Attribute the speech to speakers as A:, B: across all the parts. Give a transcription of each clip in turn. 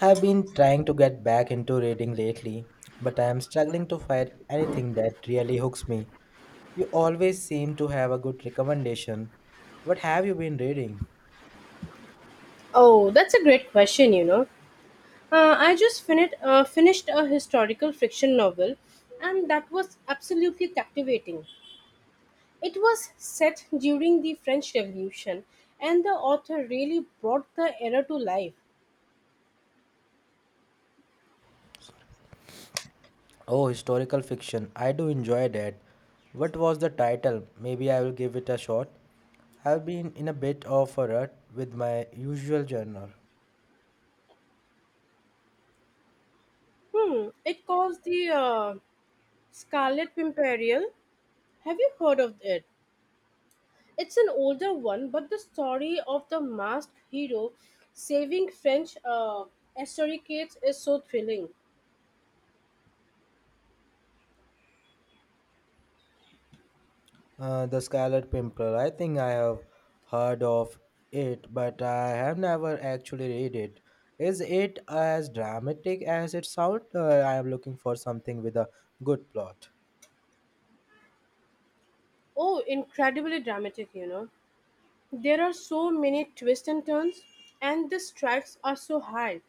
A: I've been trying to get back into reading lately, but I am struggling to find anything that really hooks me. You always seem to have a good recommendation. What have you been reading?
B: Oh, that's a great question, you know. I just finished, finished a historical fiction novel, and that was absolutely captivating. It was set during the French Revolution, and the author really brought the era to life.
A: Oh, historical fiction. I do enjoy that. What was the title? Maybe I will give it a shot. I've been in a bit of a rut with my usual genre.
B: Hmm, it calls the Scarlet Pimperial. Have you heard of it? It's an older one, but the story of the masked hero saving French aristocrats is so thrilling.
A: The Scarlet Pimpernel. I think I have heard of it, but I have never actually read it. Is it as dramatic as it sounds? I am looking for something with a good plot.
B: Oh, incredibly dramatic, you know. There are so many twists and turns, and the stakes are so high.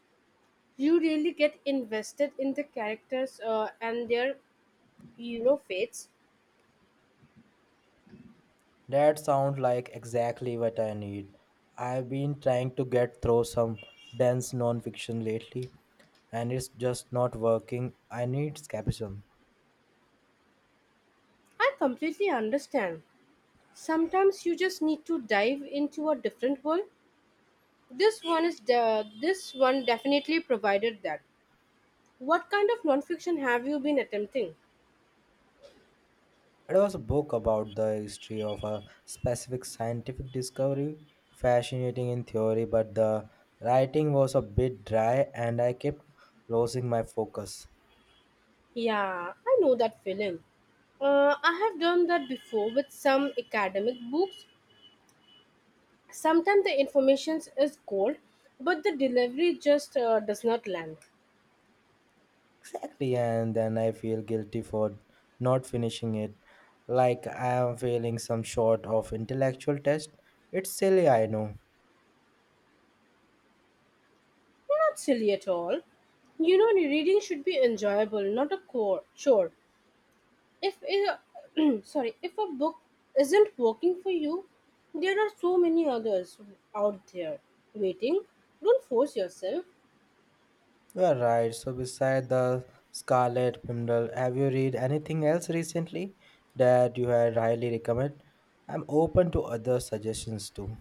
B: You really get invested in the characters and their, fates.
A: That sounds like exactly what I need. I've been trying to get through some dense non-fiction lately, and it's just not working. I need escapism.
B: I completely understand. Sometimes you just need to dive into a different world. This one definitely provided that. What kind of nonfiction have you been attempting?
A: It was a book about the history of a specific scientific discovery, fascinating in theory, but the writing was a bit dry and I kept losing my focus.
B: Yeah, I know that feeling. I have done that before with some academic books. Sometimes the information is gold, but the delivery just does not land.
A: Exactly, and then I feel guilty for not finishing it, like I am failing some sort of intellectual test. It's silly, I know.
B: Not silly at all. You know, reading should be enjoyable, not a core chore. If a, sorry, if a book isn't working for you, there are so many others out there waiting. Don't force yourself.
A: You are right. So, beside the Scarlet Pimpernel, have you read anything else recently that you had highly recommend? I'm open to other suggestions too.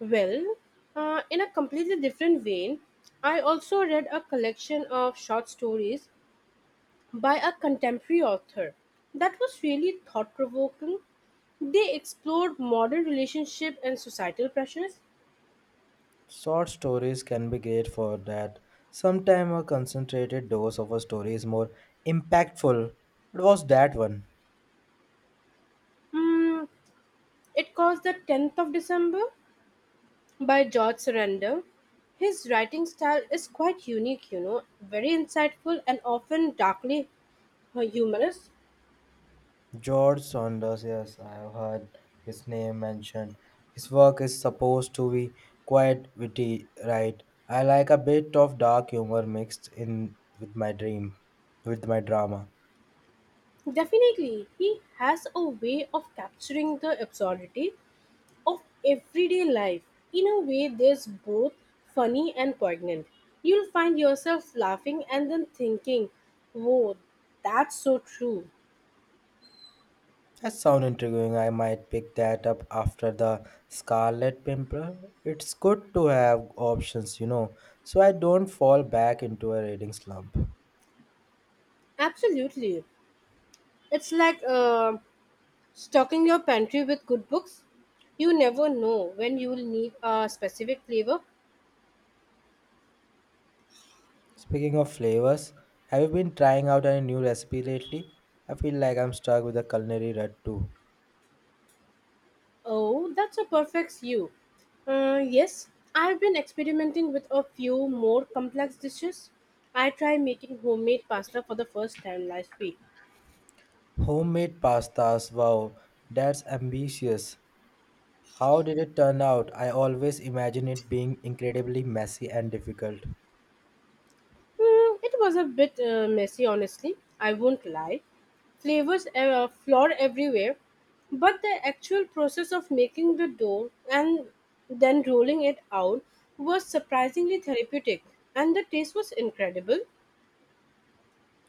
B: Well, in a completely different vein, I also read a collection of short stories by a contemporary author that was really thought provoking. They explored modern relationship and societal pressures.
A: Short stories can be great for that. Sometimes a concentrated dose of a story is more impactful. What was that one?
B: Mm, it was The 10th of December by George Surrender. His writing style is quite unique, you know, very insightful and often darkly humorous.
A: George Saunders, yes, I have heard his name mentioned. His work is supposed to be quite witty, right? I like a bit of dark humor mixed in with my dream, with my drama.
B: Definitely, he has a way of capturing the absurdity of everyday life. In a way, that's both funny and poignant. You'll find yourself laughing and then thinking, whoa, that's so true.
A: That sounds intriguing. I might pick that up after the Scarlet Pimpernel. It's good to have options, so I don't fall back into a reading slump.
B: Absolutely. It's like stocking your pantry with good books. You never know when you will need a specific flavor.
A: Speaking of flavors, have you been trying out any new recipe lately? I feel like I'm stuck with a culinary rut too.
B: Oh, that's a perfect stew. Yes, I've been experimenting with a few more complex dishes. I tried making homemade pasta for the first time last week.
A: Homemade pastas, wow, that's ambitious. How did it turn out? I always imagine it being incredibly messy and difficult.
B: Mm, it was a bit messy, honestly. I won't lie. Flavors floor everywhere, but the actual process of making the dough and then rolling it out was surprisingly therapeutic, and the taste was incredible.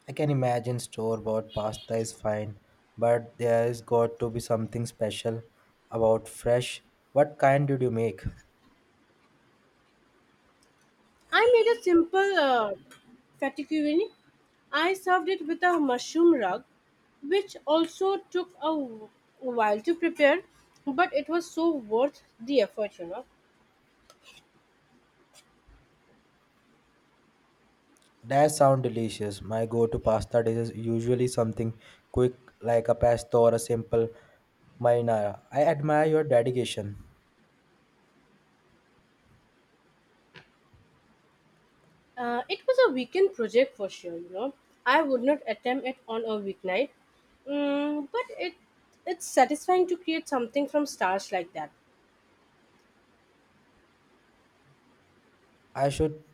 A: I can imagine store bought pasta is fine, but there's got to be something special about fresh. What kind did you make?
B: I made a simple fettuccine. I served it with a mushroom rug, which also took a while to prepare, but it was so worth the effort, you know.
A: That sounds delicious. My go to pasta dish is usually something quick like a pesto or a simple marinara. I admire your dedication.
B: It was a weekend project for sure, you know. I would not attempt it on a weeknight, mm, but it's satisfying to create something from starch like that.
A: I should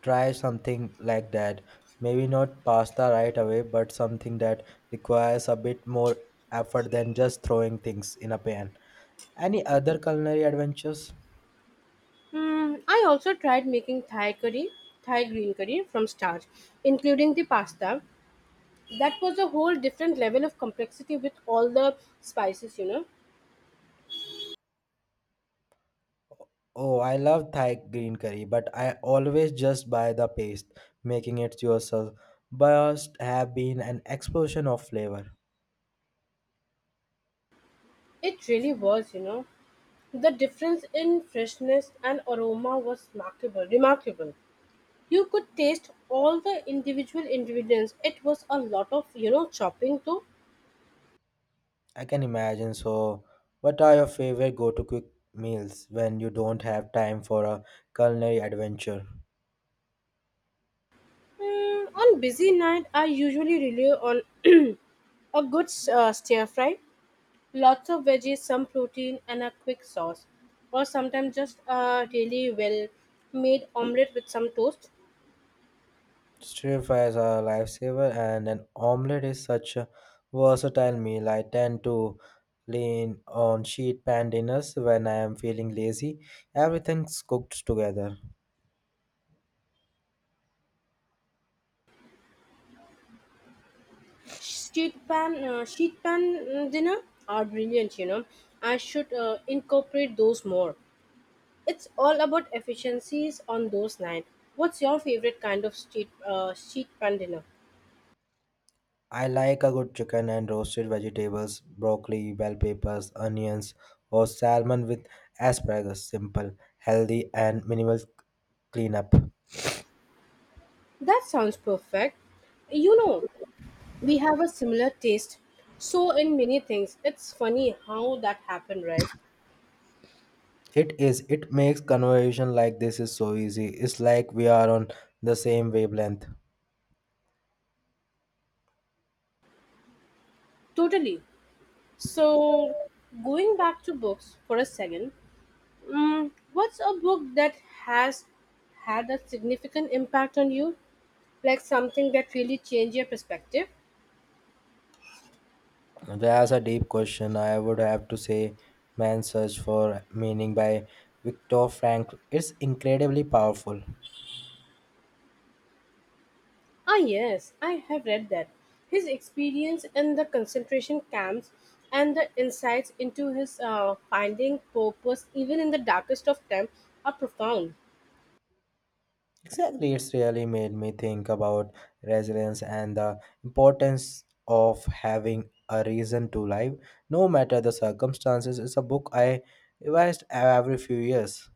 A: try something like that. Maybe not pasta right away, but something that requires a bit more effort than just throwing things in a pan. Any other culinary adventures?
B: Mm, I also tried making Thai curry, Thai green curry from starch, including the pasta. That was a whole different level of complexity with all the spices, you know.
A: Oh, I love Thai green curry, but I always just buy the paste, making it yourself. Must have been an explosion of flavor.
B: It really was, you know. The difference in freshness and aroma was remarkable. Remarkable. You could taste all the individual ingredients. It was a lot of, you know, chopping though.
A: I can imagine. So, what are your favorite go-to quick meals when you don't have time for a culinary adventure?
B: Mm, on busy night, I usually rely on a good stir fry, lots of veggies, some protein, and a quick sauce, or sometimes just a really well made omelette with some toast.
A: Stir fry is a lifesaver, and an omelette is such a versatile meal. I tend to lean on sheet pan dinners when I am feeling lazy. Everything's cooked together.
B: Sheet pan mm, dinner are brilliant. You know, I should incorporate those more. It's all about efficiencies on those nine. What's your favorite kind of street sheet pan dinner?
A: I like a good chicken and roasted vegetables, broccoli, bell peppers, onions, or salmon with asparagus. Simple, healthy, and minimal cleanup.
B: That sounds perfect. You know, we have a similar taste. So in many things, it's funny how that happened, right?
A: It is. It makes conversation like this is so easy. It's like we are on the same wavelength.
B: Totally. So going back to books for a second, mm, what's a book that has had a significant impact on you? Like something that really changed your perspective?
A: That's a deep question. I would have to say Man's Search for Meaning by Viktor Frankl. It's incredibly powerful.
B: Ah, yes, I have read that. His experience in the concentration camps and the insights into his finding purpose, even in the darkest of times, are profound.
A: Exactly, it's really made me think about resilience and the importance of having a reason to live, no matter the circumstances. It's a book I revised every few years.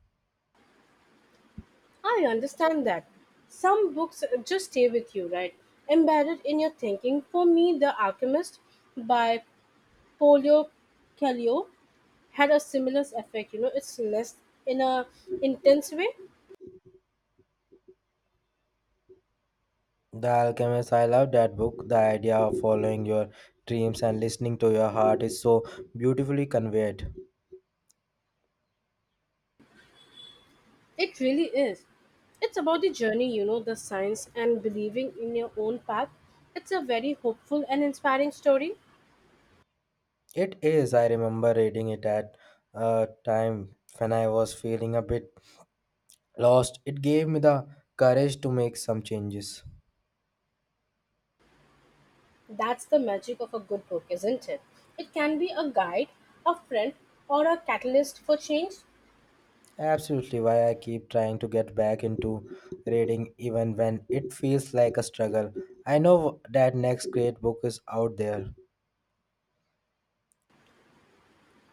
B: I understand that. Some books just stay with you, right? Embedded in your thinking. For me, The Alchemist by Paulo Coelho had a similar effect. You know, it's less in a intense way.
A: The Alchemist, I love that book. The idea of following your dreams and listening to your heart is so beautifully conveyed.
B: It really is. It's about the journey, you know, the science and believing in your own path. It's a very hopeful and inspiring story.
A: It is. I remember reading it at a time when I was feeling a bit lost. It gave me the courage to make some changes.
B: That's the magic of a good book, isn't it? It can be a guide, a friend, or a catalyst for change.
A: Absolutely why I keep trying to get back into reading even when it feels like a struggle. I know that next great book is out there.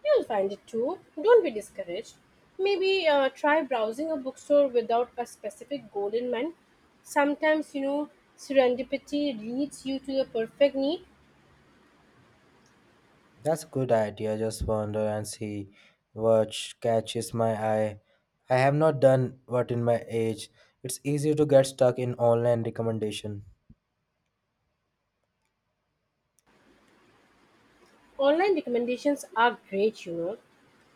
B: You'll find it too. Don't be discouraged. Maybe try browsing a bookstore without a specific goal in mind. Sometimes, you know, serendipity leads you to the perfect need.
A: That's a good idea. Just wander and see catches my eye. I have not done what in my age. It's easy to get stuck in online recommendation.
B: Online recommendations are great, you know,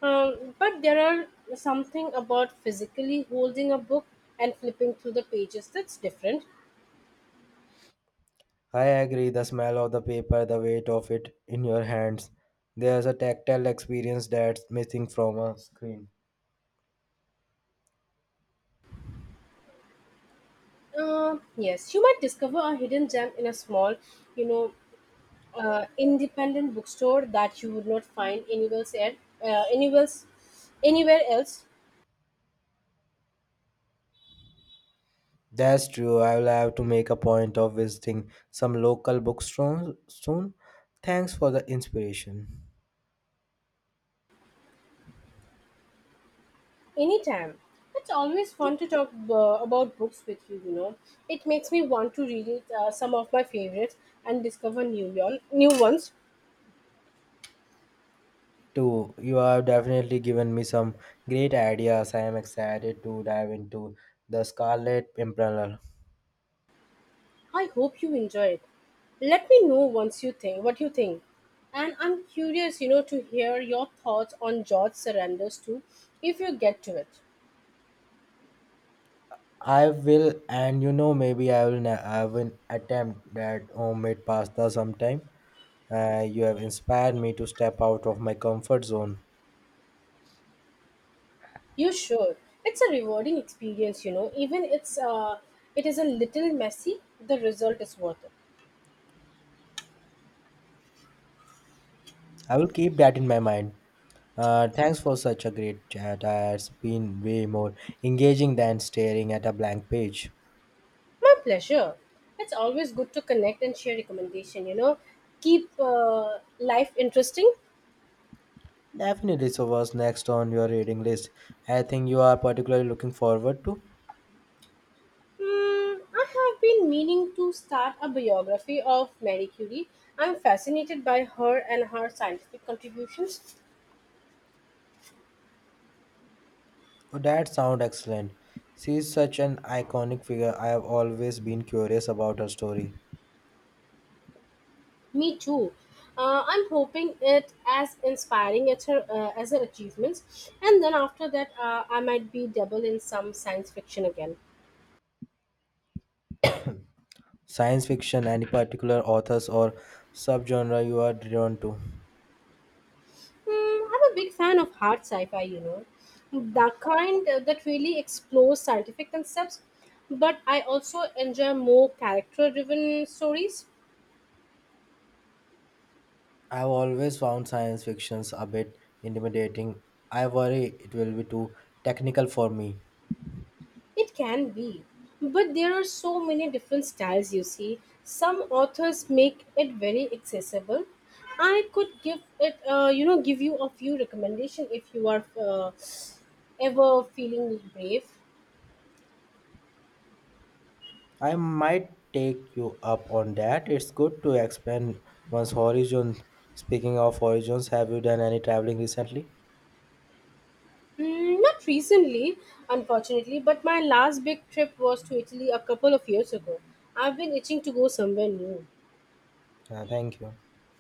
B: but there are something about physically holding a book and flipping through the pages that's different.
A: I agree, the smell of the paper, the weight of it in your hands. There's a tactile experience that's missing from a screen.
B: Yes, you might discover a hidden gem in a small, you know, independent bookstore that you would not find anywhere else, anywhere else,
A: That's true. I will have to make a point of visiting some local bookstores soon. Thanks for the inspiration.
B: anytime. It's always fun to talk about books with you. You know, it makes me want to read some of my favorites and discover new ones.
A: Too, you have definitely given me some great ideas. I am excited to dive into the Scarlet Pimpernel.
B: I hope you enjoy it. Let me know once you think what you think. And I'm curious, you know, to hear your thoughts on George Surrenders too, if you get to it.
A: I will, and maybe I will attempt that homemade pasta sometime. You have inspired me to step out of my comfort zone.
B: You should. It's a rewarding experience, you know. Even it is a little messy, the result is worth it.
A: I will keep that in my mind. Thanks for such a great chat. It's been way more engaging than staring at a blank page.
B: My pleasure. It's always good to connect and share recommendation, you know. Keep life interesting.
A: Definitely, so what's next on your reading list? I think you are particularly looking forward to.
B: Hmm, I have been meaning to start a biography of Marie Curie. I'm fascinated by her and her scientific contributions.
A: Oh, that sounds excellent. She is such an iconic figure. I have always been curious about her story.
B: Me too. I'm hoping it as inspiring as her achievements, and then after that, I might be double in some science fiction again.
A: Science fiction, any particular authors or subgenre you are drawn to?
B: Hmm, I'm a big fan of hard sci-fi, you know, the kind that really explores scientific concepts. But I also enjoy more character-driven stories.
A: I've always found science fictions a bit intimidating. I worry it will be too technical for me.
B: It can be, but there are so many different styles you see. Some authors make it very accessible. I could give you a few recommendations if you are ever feeling brave.
A: I might take you up on that. It's good to expand one's horizon. Speaking of horizons, have you done any traveling recently?
B: Mm, not recently, unfortunately, but my last big trip was to Italy a couple of years ago. I've been itching to go somewhere new.
A: Thank you.